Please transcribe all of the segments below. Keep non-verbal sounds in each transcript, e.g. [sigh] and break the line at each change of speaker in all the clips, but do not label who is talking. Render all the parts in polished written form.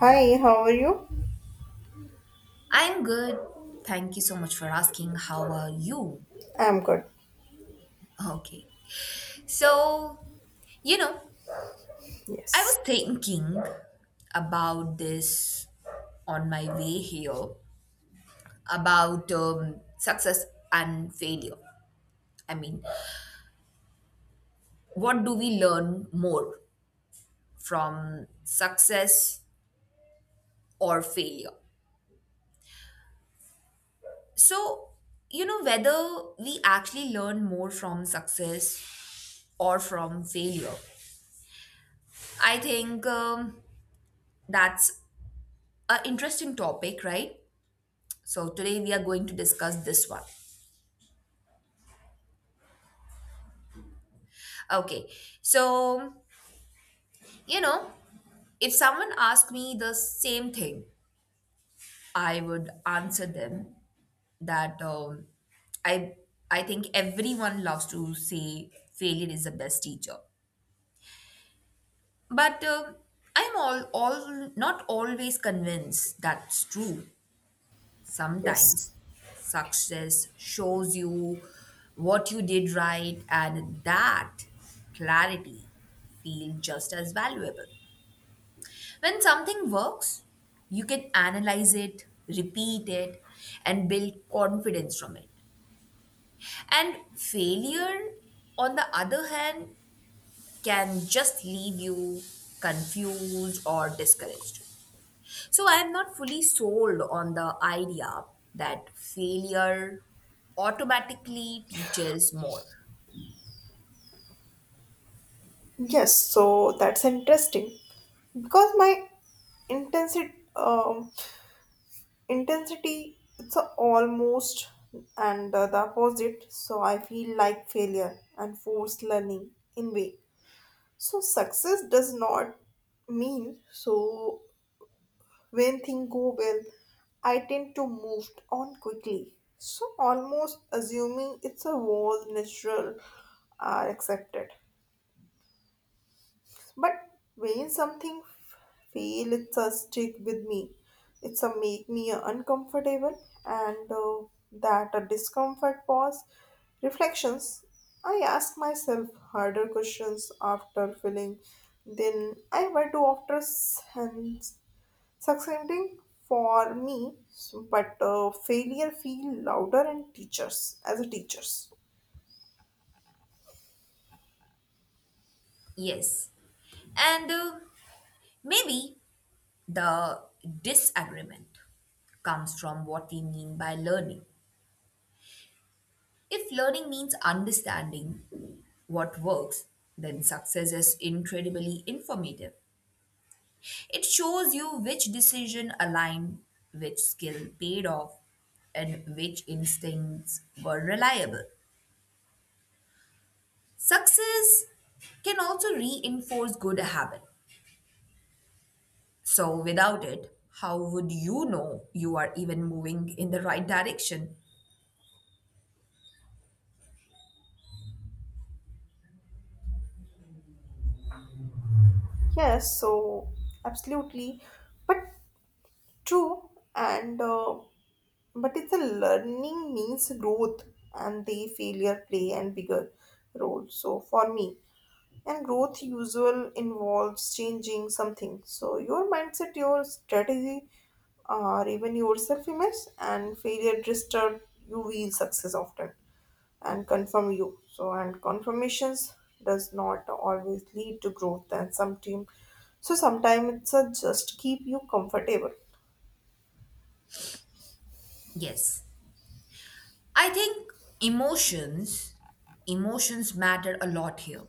Hi, how are you?
I'm good. Thank you so much for asking. How are you?
I'm good.
Okay. So, you know, I was
Yes,
thinking about this on my way here about success and failure. I mean, what do we learn more from success or failure? So, whether we actually learn more from success or from failure, I think that's a interesting topic, right? So today we are going to discuss this one. Okay. So, you know, if someone asked me the same thing, I would answer them that um, I I think everyone loves to say failure is the best teacher. But I'm all not always convinced that's true. Sometimes
yes,
success shows you what you did right, and that clarity feels just as valuable. When something works, you can analyze it, repeat it, and build confidence from it. And failure, on the other hand, can just leave you confused or discouraged. So I am not fully sold on the idea that failure automatically teaches more.
yes. So that's interesting because my intensity, intensity, it's a almost and the opposite. So I feel like failure and forced learning in way. So success does not mean so. When things go well, I tend to move on quickly. So almost assuming it's a was natural are accepted. But when something feel it's a stick with me, it's a make me uncomfortable and that a discomfort pause reflections. I ask myself harder questions after feeling than I were to after and succeeding for me but failure feel louder in teachers as a teachers.
Yes. And maybe the disagreement comes from what we mean by learning. If learning means understanding what works, then success is incredibly informative. It shows you which decision aligned, which skill paid off, and which instincts were reliable. Success can also reinforce good habit. So without it, how would you know you are even moving in the right direction?
Yes so absolutely but true and but it's a learning means growth and the failure play and bigger role so for me and growth usual involves changing something, so your mindset, your strategy, or even your self-image, and failure disturbs you. Real success often and confirm you so and confirmations does not always lead to growth and some team, so sometimes it's a just keep you comfortable.
Yes. I think emotions emotions matter a lot here.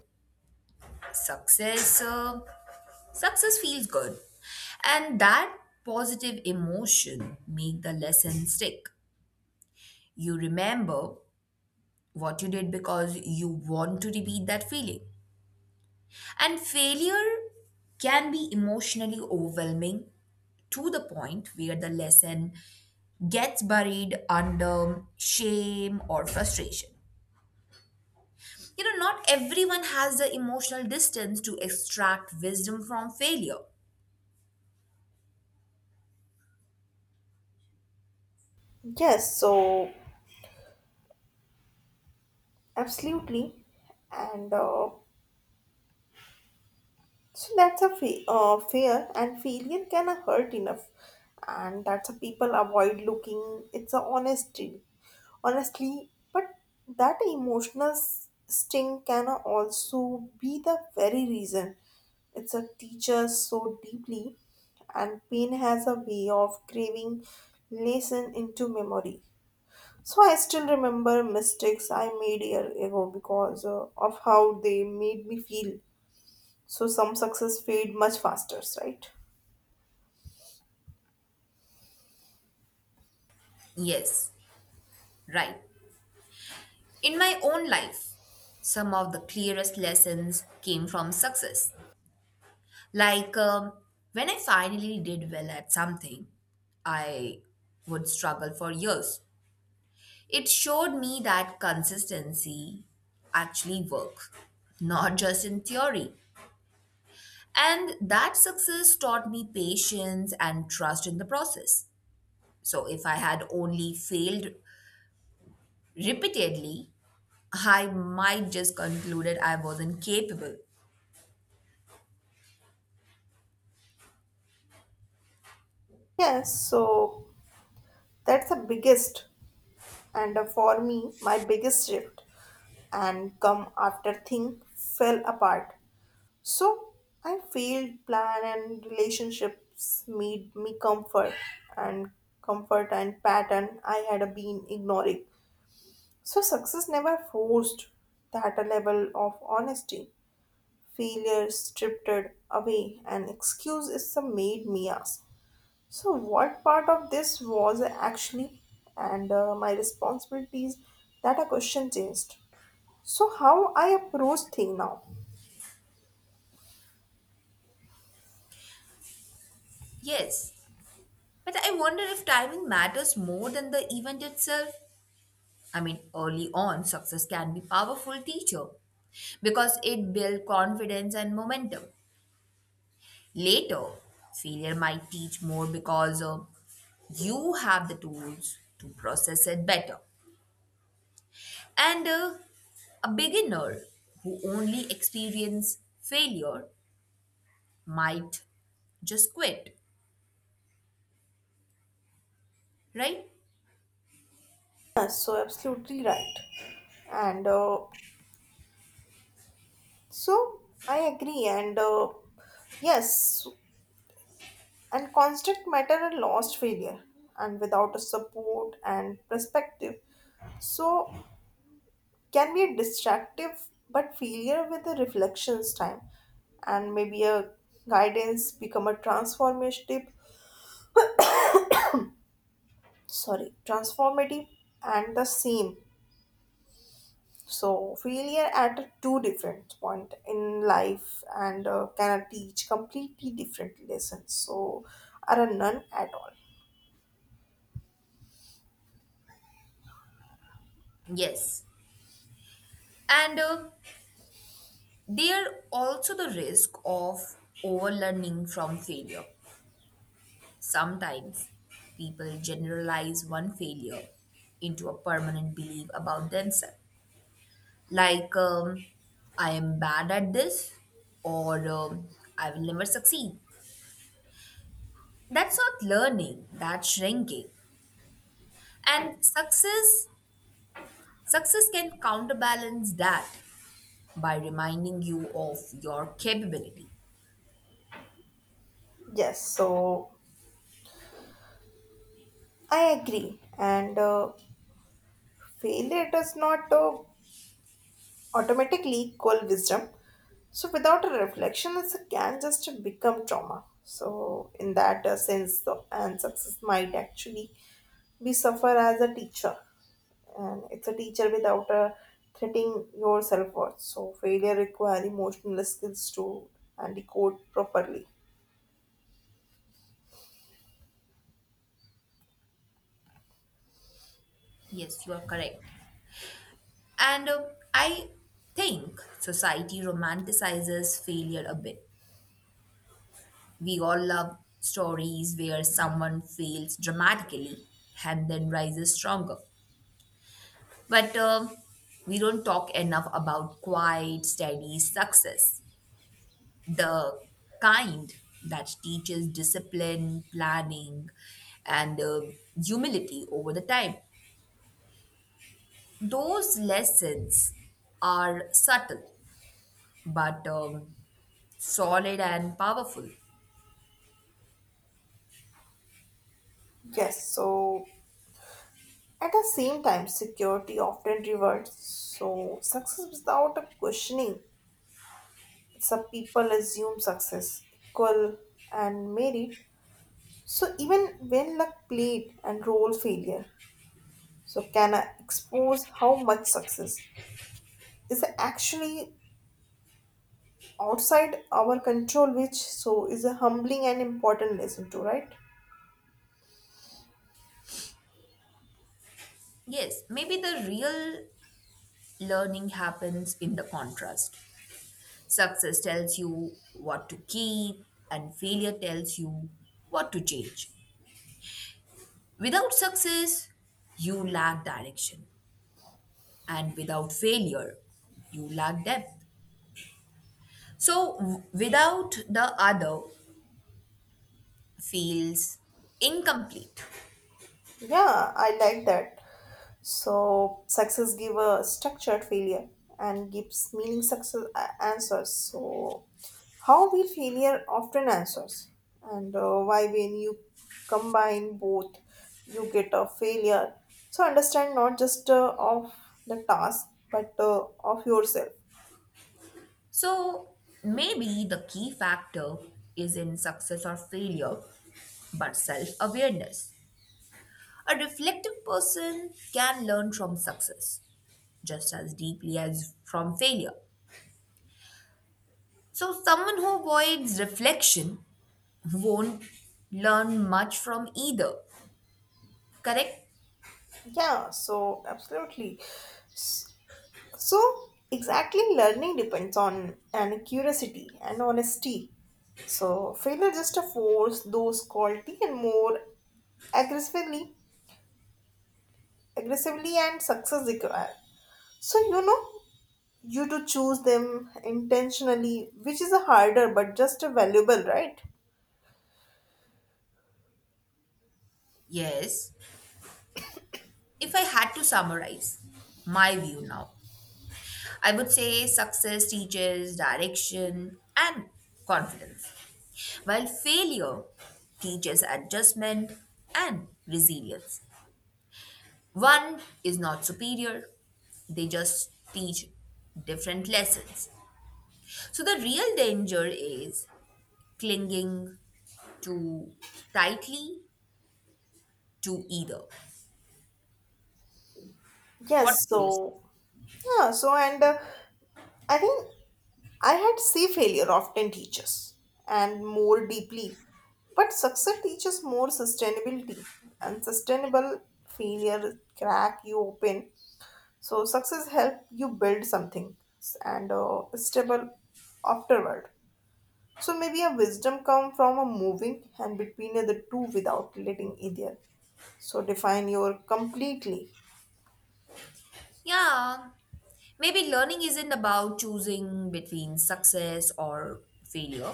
Success uh, success feels good. And that positive emotion make the lesson stick. You remember what you did because you want to repeat that feeling. And failure can be emotionally overwhelming to the point where the lesson gets buried under shame or frustration. You know, not everyone has the emotional distance to extract wisdom from failure.
Yes so absolutely and so that's a fear, and failure can hurt enough, and that's a people avoid looking. It's a honesty, honestly, but that emotional sting can also be the very reason it's a teacher so deeply, and pain has a way of craving lesson into memory. So I still remember mistakes I made year ago because of how they made me feel, so some success fade much faster, right?
Yes, right. In my own life, some of the clearest lessons came from success. Like um, when I finally did well at something, I would struggle for years. It showed me that consistency actually works, not just in theory. And that success taught me patience and trust in the process. So if I had only failed repeatedly, I might just concluded I wasn't capable.
Yes, so that's the biggest and for me my biggest shift and come after thing fell apart. So I failed plan and relationships made me comfort and comfort and pattern I had been ignoring. So success never forced that a level of honesty. Failure stripped it away and excuses made me ask. So, what part of this was actually and my responsibilities that a question changed. So, how I approach thing now?
Yes, but I wonder if timing matters more than the event itself. I mean, early on, success can be powerful teacher because it builds confidence and momentum. Later, failure might teach more because you have the tools to process it better. And a beginner who only experience failure might just quit, right?
Yes, so absolutely right. And so I agree. And yes, and constant matter a lost failure and without a support and perspective. So can be distractive, but failure with a reflections time and maybe a guidance become a transformative, sorry, transformative and the same. So failure at a two different point in life and can teach completely different lessons. So are a none at all.
Yes. And there also the risk of overlearning from failure. Sometimes people generalize one failure into a permanent belief about themselves. Like, um, I am bad at this, or I will never succeed. That's not learning, that's shrinking. And success, success can counterbalance that by reminding you of your capability.
Yes, so I agree. And failure does not automatically equal wisdom. So without a reflection, it can just become trauma. So in that sense, the, and success might actually be suffer as a teacher, and it's a teacher without a threatening your self worth. So failure require emotional skills to and decode properly.
Yes, you are correct. And I think society romanticizes failure a bit. We all love stories where someone fails dramatically and then rises stronger. But we don't talk enough about quiet, steady success, the kind that teaches discipline, planning, and humility over the time. Those lessons are subtle but solid and powerful.
Yes, so at the same time, security often rewards. So success without a questioning some people assume success equal and merit, so even when luck played and role failure, so can I expose how much success is actually outside our control, which so is a humbling and important lesson too, right?
Yes, maybe the real learning happens in the contrast. Success tells you what to keep, and failure tells you what to change. Without success, you lack direction, and without failure, you lack depth. So, without the other feels incomplete.
Yeah, I like that. So success give a structured failure and gives meaning success answers. So how will failure often answers and why when you combine both you get a failure. So understand not just of the task but of yourself.
So, maybe the key factor is in success or failure, but self awareness. A reflective person can learn from success just as deeply as from failure. So, someone who avoids reflection won't learn much from either. Correct?
Yeah, so absolutely. So, exactly, learning depends on and curiosity and honesty. So, failure just to force those quality and more aggressively, aggressively and success require. So you know you to choose them intentionally, which is a harder but just a valuable, right?
Yes. If I had to summarize my view now, I would say success teaches direction and confidence, while failure teaches adjustment and resilience. One is not superior, they just teach different lessons. So the real danger is clinging too tightly to either. What
Yes.
will you say?
So yeah. So and. I think I had say failure often teaches and more deeply, but success teaches more sustainability. Unsustainable failure crack you open. So success help you build something and stable afterward. So maybe a wisdom come from a moving and between the two without letting either. So define your completely.
Yeah, maybe learning isn't about choosing between success or failure.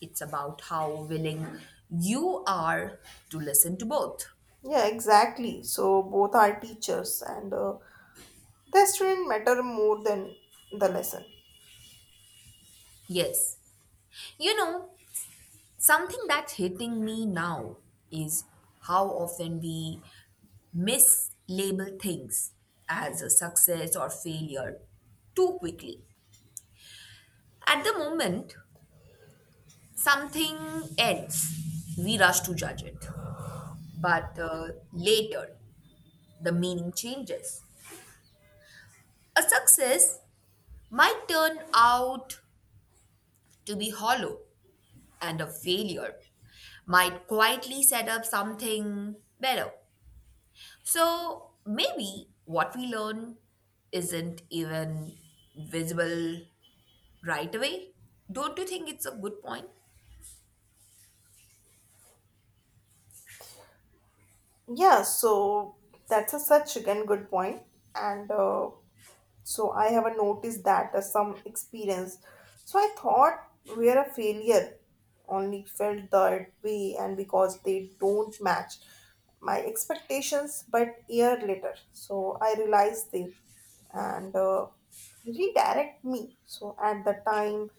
It's about how willing you are to listen to both.
Yeah, exactly. So both are teachers and the student matter more than the lesson.
Yes. You know, something that's hitting me now is how often we mislabel things as a success or failure too quickly. At the moment, something ends. We rush to judge it. But later, the meaning changes. A success might turn out to be hollow, and a failure might quietly set up something better. So maybe what we learn isn't even visible right away. Don't you think it's a good point?
Yeah, so that's a such again good point and so I haven't noticed that as some experience, so I thought we're a failure only felt that way and because they don't match my expectations, but year later so I realized they and redirect me, so at the time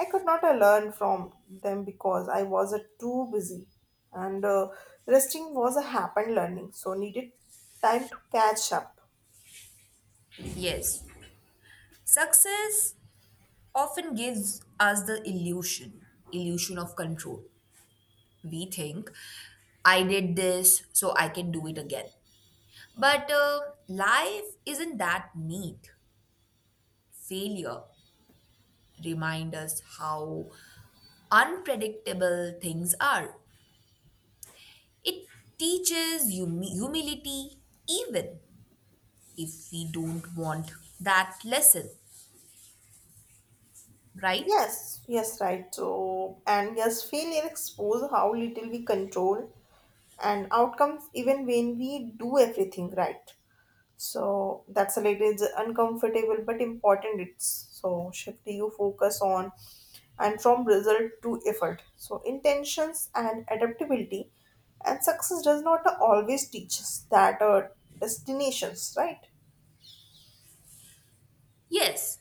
I could not learn from them because I was too busy and resting was a happened learning so needed time to catch up.
Yes. Success often gives us the illusion of control. We think, I did this, so I can do it again. But life isn't that neat. Failure reminds us how unpredictable things are. It teaches humility, even if we don't want that lesson, right?
Yes, right. So, and yes, failure expose how little we control and outcomes even when we do everything right. So that's a little it's uncomfortable but important. It's so shift you focus on and from result to effort. So intentions and adaptability and success does not always teach us that destinations, right?
Yes,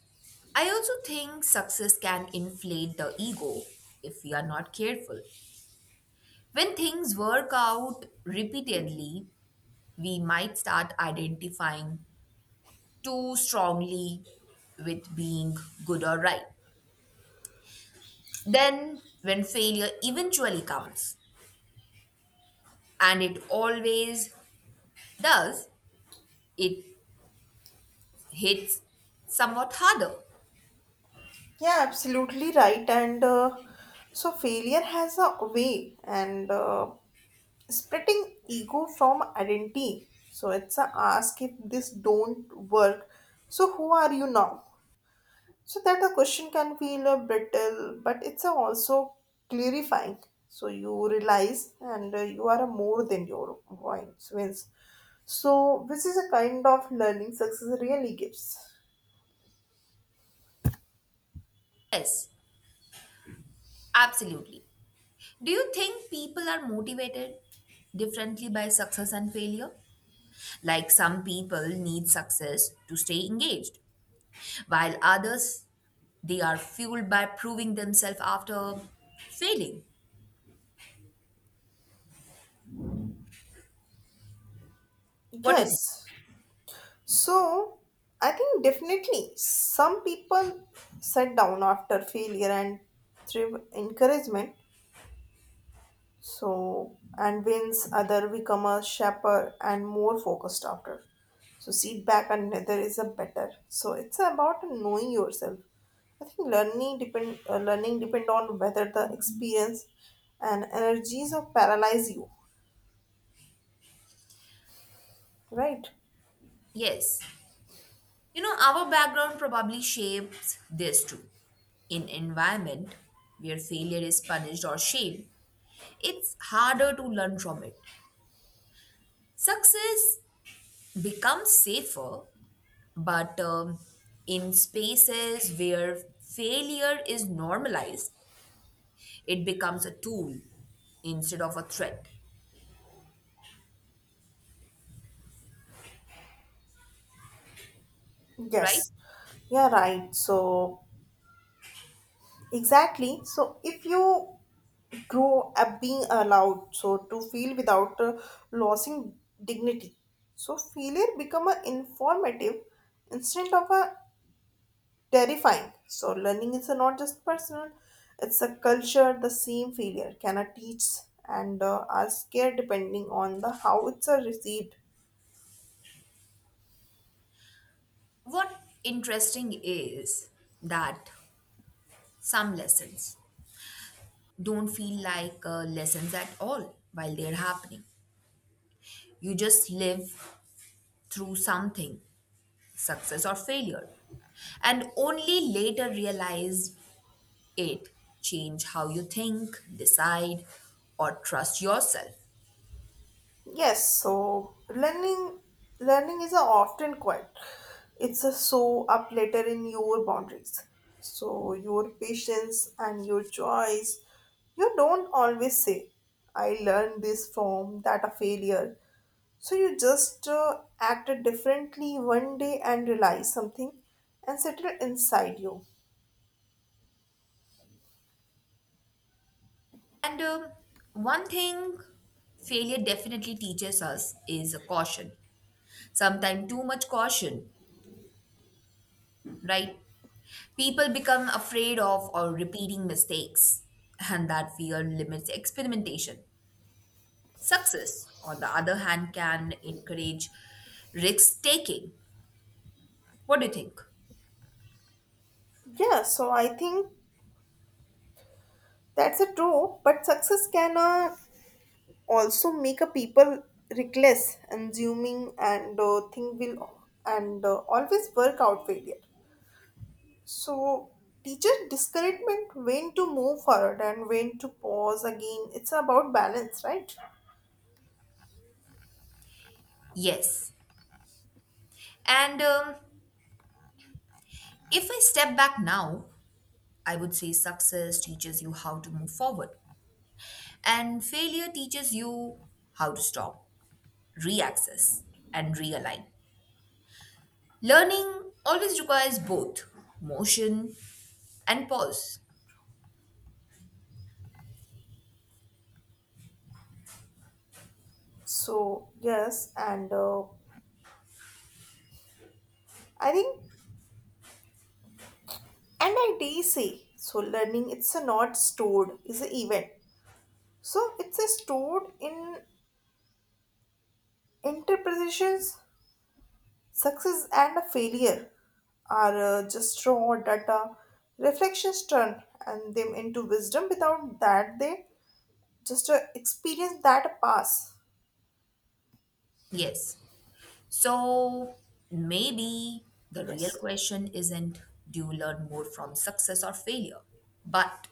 I also think success can inflate the ego if we are not careful. When things work out repeatedly, we might start identifying too strongly with being good or right. Then, when failure eventually comes, and it always does, it hits somewhat harder.
Yeah, absolutely right. And so failure has a way and splitting ego from identity. So it's a ask if this don't work. So who are you now? So that the question can feel a brittle, but it's a also clarifying. So you realize and you are a more than your voice wins. So this is a kind of learning success really gives.
Yes, absolutely. Do you think people are motivated differently by success and failure? Like some people need success to stay engaged, while others they are fueled by proving themselves after failing. What do you think?
Yes. So, I think definitely some people set down after failure and thrive encouragement. So, and wins other become a sharper and more focused after. So, feedback and another is a better. So, it's about knowing yourself. I think learning depend on whether the experience and energies of paralyze you, right?
Yes. You know, our background probably shapes this too. In environment where failure is punished or shamed, it's harder to learn from it. Success becomes safer, but in spaces where failure is normalized, it becomes a tool instead of a threat, right?
Yes, yeah, right. So exactly. So if you grow up being allowed so to feel without losing dignity, so failure become a informative instead of a terrifying, so learning is a not just personal, it's a culture the same failure can a teach and are scared depending on the how it's received.
What interesting is that some lessons don't feel like lessons at all while they're happening. You just live through something, success or failure, and only later realize it change how you think, decide, or trust yourself.
Yes, so learning is a often quiet. It's a so up later in your boundaries. So your patience and your choice, you don't always say, "I learned this from that a failure." So you just acted differently one day and realize something, and settle inside you.
And one thing failure definitely teaches us is a caution. Sometimes too much caution, right? People become afraid of or repeating mistakes, and that fear limits experimentation. Success, on the other hand, can encourage risk taking. What do you think?
Yeah, so I think that's a true. But success can also make a people reckless assuming and think will and always work out failure, so teacher discouragement when to move forward and when to pause, again it's about balance, right?
Yes. And if I step back now, I would say success teaches you how to move forward, and failure teaches you how to stop, reaccess, and realign. Learning always requires both motion and pause.
So yes and I think and I dare say so learning it's a not stored is an event, so it's a stored in interpretations. Success and a failure are just raw data. Reflections turn and them into wisdom. Without that, they just experience that pass.
Yes. So maybe the real
Yes.
question isn't do you learn more from success or failure, but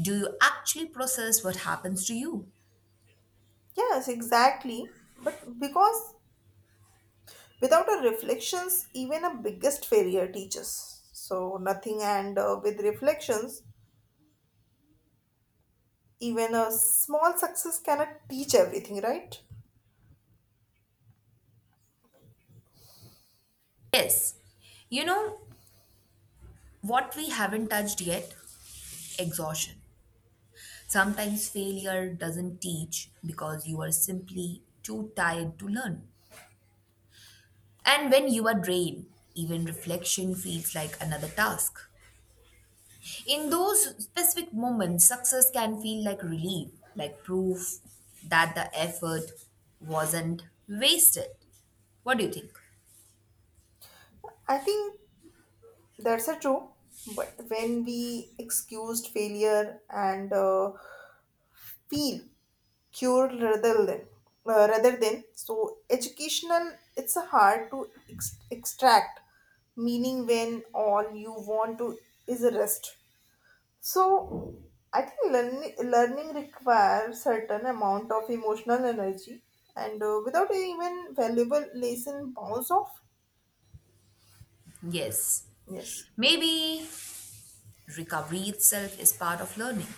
do you actually process what happens to you?
Yes, exactly. But because without a reflections, even a biggest failure teaches. So nothing, and with reflections, even a small success cannot teach everything, right?
Yes, you know what we haven't touched yet? Exhaustion. Sometimes failure doesn't teach because you are simply too tired to learn. And when you are drained, even reflection feels like another task. In those specific moments, success can feel like relief, like proof that the effort wasn't wasted. What do you think?
I think that's a true. But when we excused failure and feel cured rather than so educational, it's a hard to extract meaning when all you want to is a rest. So I think learning requires certain amount of emotional energy, and without even valuable lesson bounce off.
Yes.
Yes,
Maybe recovery itself is part of learning.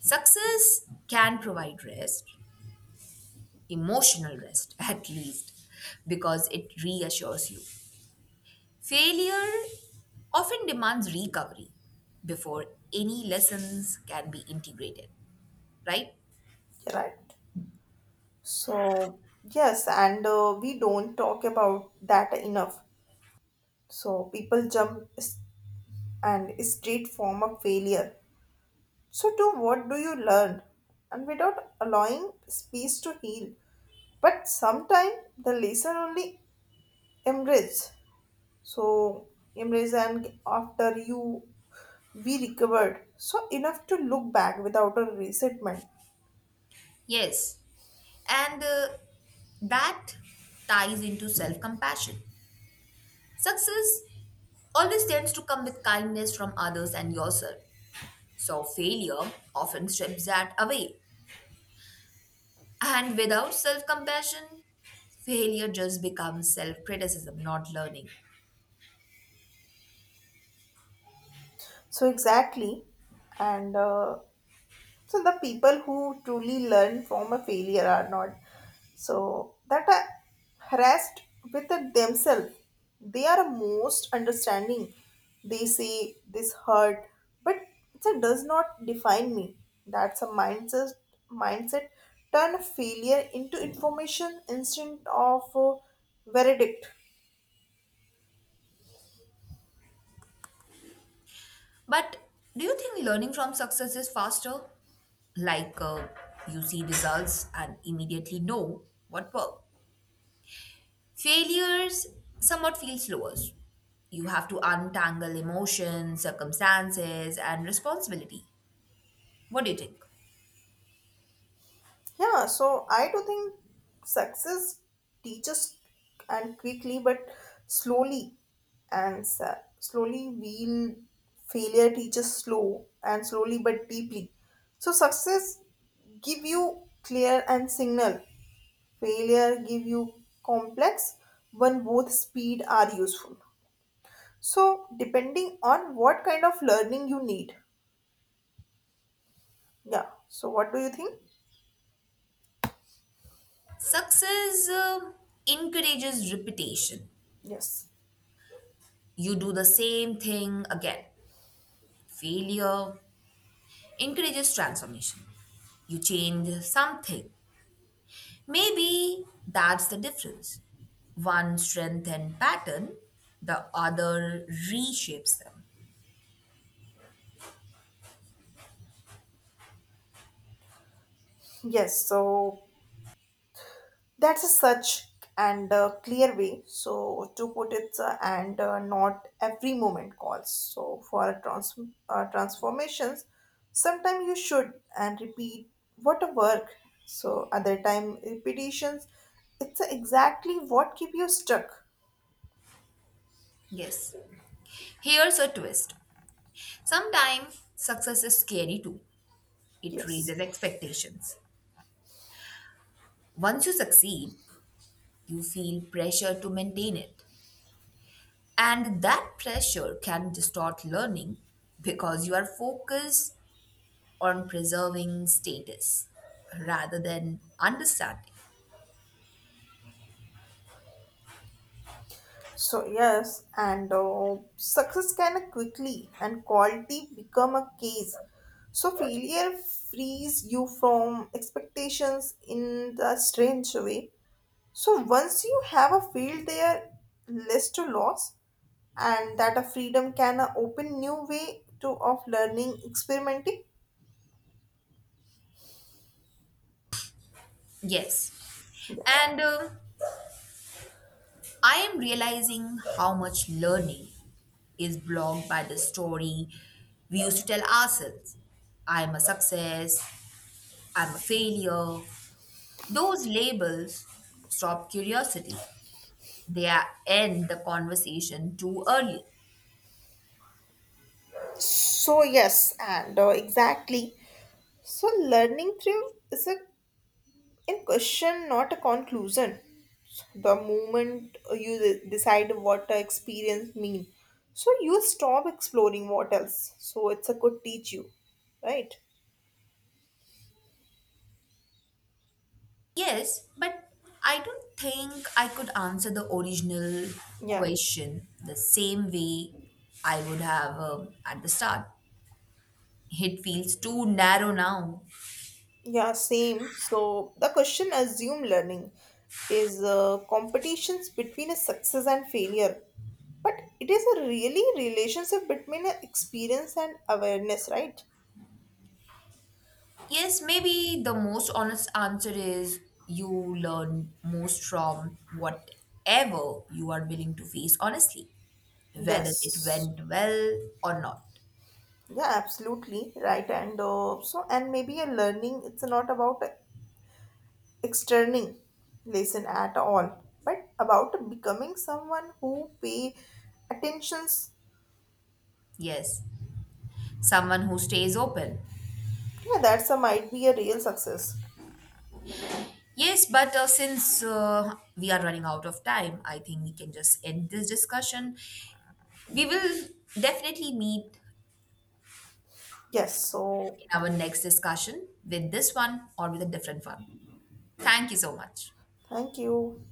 Success can provide rest, emotional rest [laughs] at least, because it reassures you. Failure often demands recovery before any lessons can be integrated, right?
you're right. So, yes, and we don't talk about that enough. So, people jump and straight form of failure. So, to what do you learn? And without allowing space to heal. But sometimes the lesson only emerges. So, emerges, and after you we recovered. So, enough to look back without a resentment.
Yes, and that ties into self compassion. Success always tends to come with kindness from others and yourself. So, failure often strips that away. And without self compassion, failure just becomes self criticism, not learning.
So, exactly. And So the people who truly learn from a failure are not so that are harassed with it themselves. They are most understanding. They say this hurt, but it does not define me. That's a mindset turn failure into information instead of a verdict.
But do you think learning from success is faster? Like you see results and immediately know what worked. Failures somewhat feel slower. You have to untangle emotions, circumstances, and responsibility. What do you think?
Yeah, so I do think success teaches and quickly but slowly and slowly we'll failure teaches slow and slowly but deeply. So success give you clear and signal. Failure give you complex when both speed are useful. So depending on what kind of learning you need. Yeah. So what do you think?
Success encourages repetition.
Yes.
You do the same thing again. Failure encourages transformation. You change something. Maybe that's the difference. One strengthens pattern, the other reshapes them.
Yes. So that's a such and clear way so to put it and not every moment calls so for a transformations, sometimes you should and repeat what a work, so other time repetitions it's exactly what keep you stuck.
Yes. Here's a twist. Sometimes success is scary too. It
Yes.
raises expectations. Once you succeed, you feel pressure to maintain it. And that pressure can distort learning because you are focused on preserving status rather than understanding.
So yes, and success can quickly and quality become a case. So failure frees you from expectations in the strange way. So once you have a field there, less to loss, and that a freedom can open new way to of learning, experimenting.
Yes.
Yes.
And I am realizing how much learning is blocked by the story we used to tell ourselves. I'm a success, I'm a failure, those labels stop curiosity. They are, end the conversation too early.
So yes, and exactly. So learning through is a in question not a conclusion, the moment you decide what the experience mean, so you stop exploring what else, so it's a good teach you, right?
Yes, but I don't think I could answer the original
Yeah,
question the same way I would have at the start. It feels too narrow now.
yeah same, so the question assume learning is competitions between a success and failure, but it is a really relationship between a experience and awareness, right?
Yes, maybe the most honest answer is you learn most from whatever you are willing to face honestly, whether it
Yes,
went well or not.
yeah, absolutely right. And so, and maybe a learning, it's not about externing lesson at all, but about becoming someone who pay attentions.
Yes, someone who stays open.
Yeah, that's a might be a real success.
Yes, but since we are running out of time, I think we can just end this discussion. We will definitely meet
Yes. So,
in our next discussion with this one or with a different one. Thank you so much.
thank you.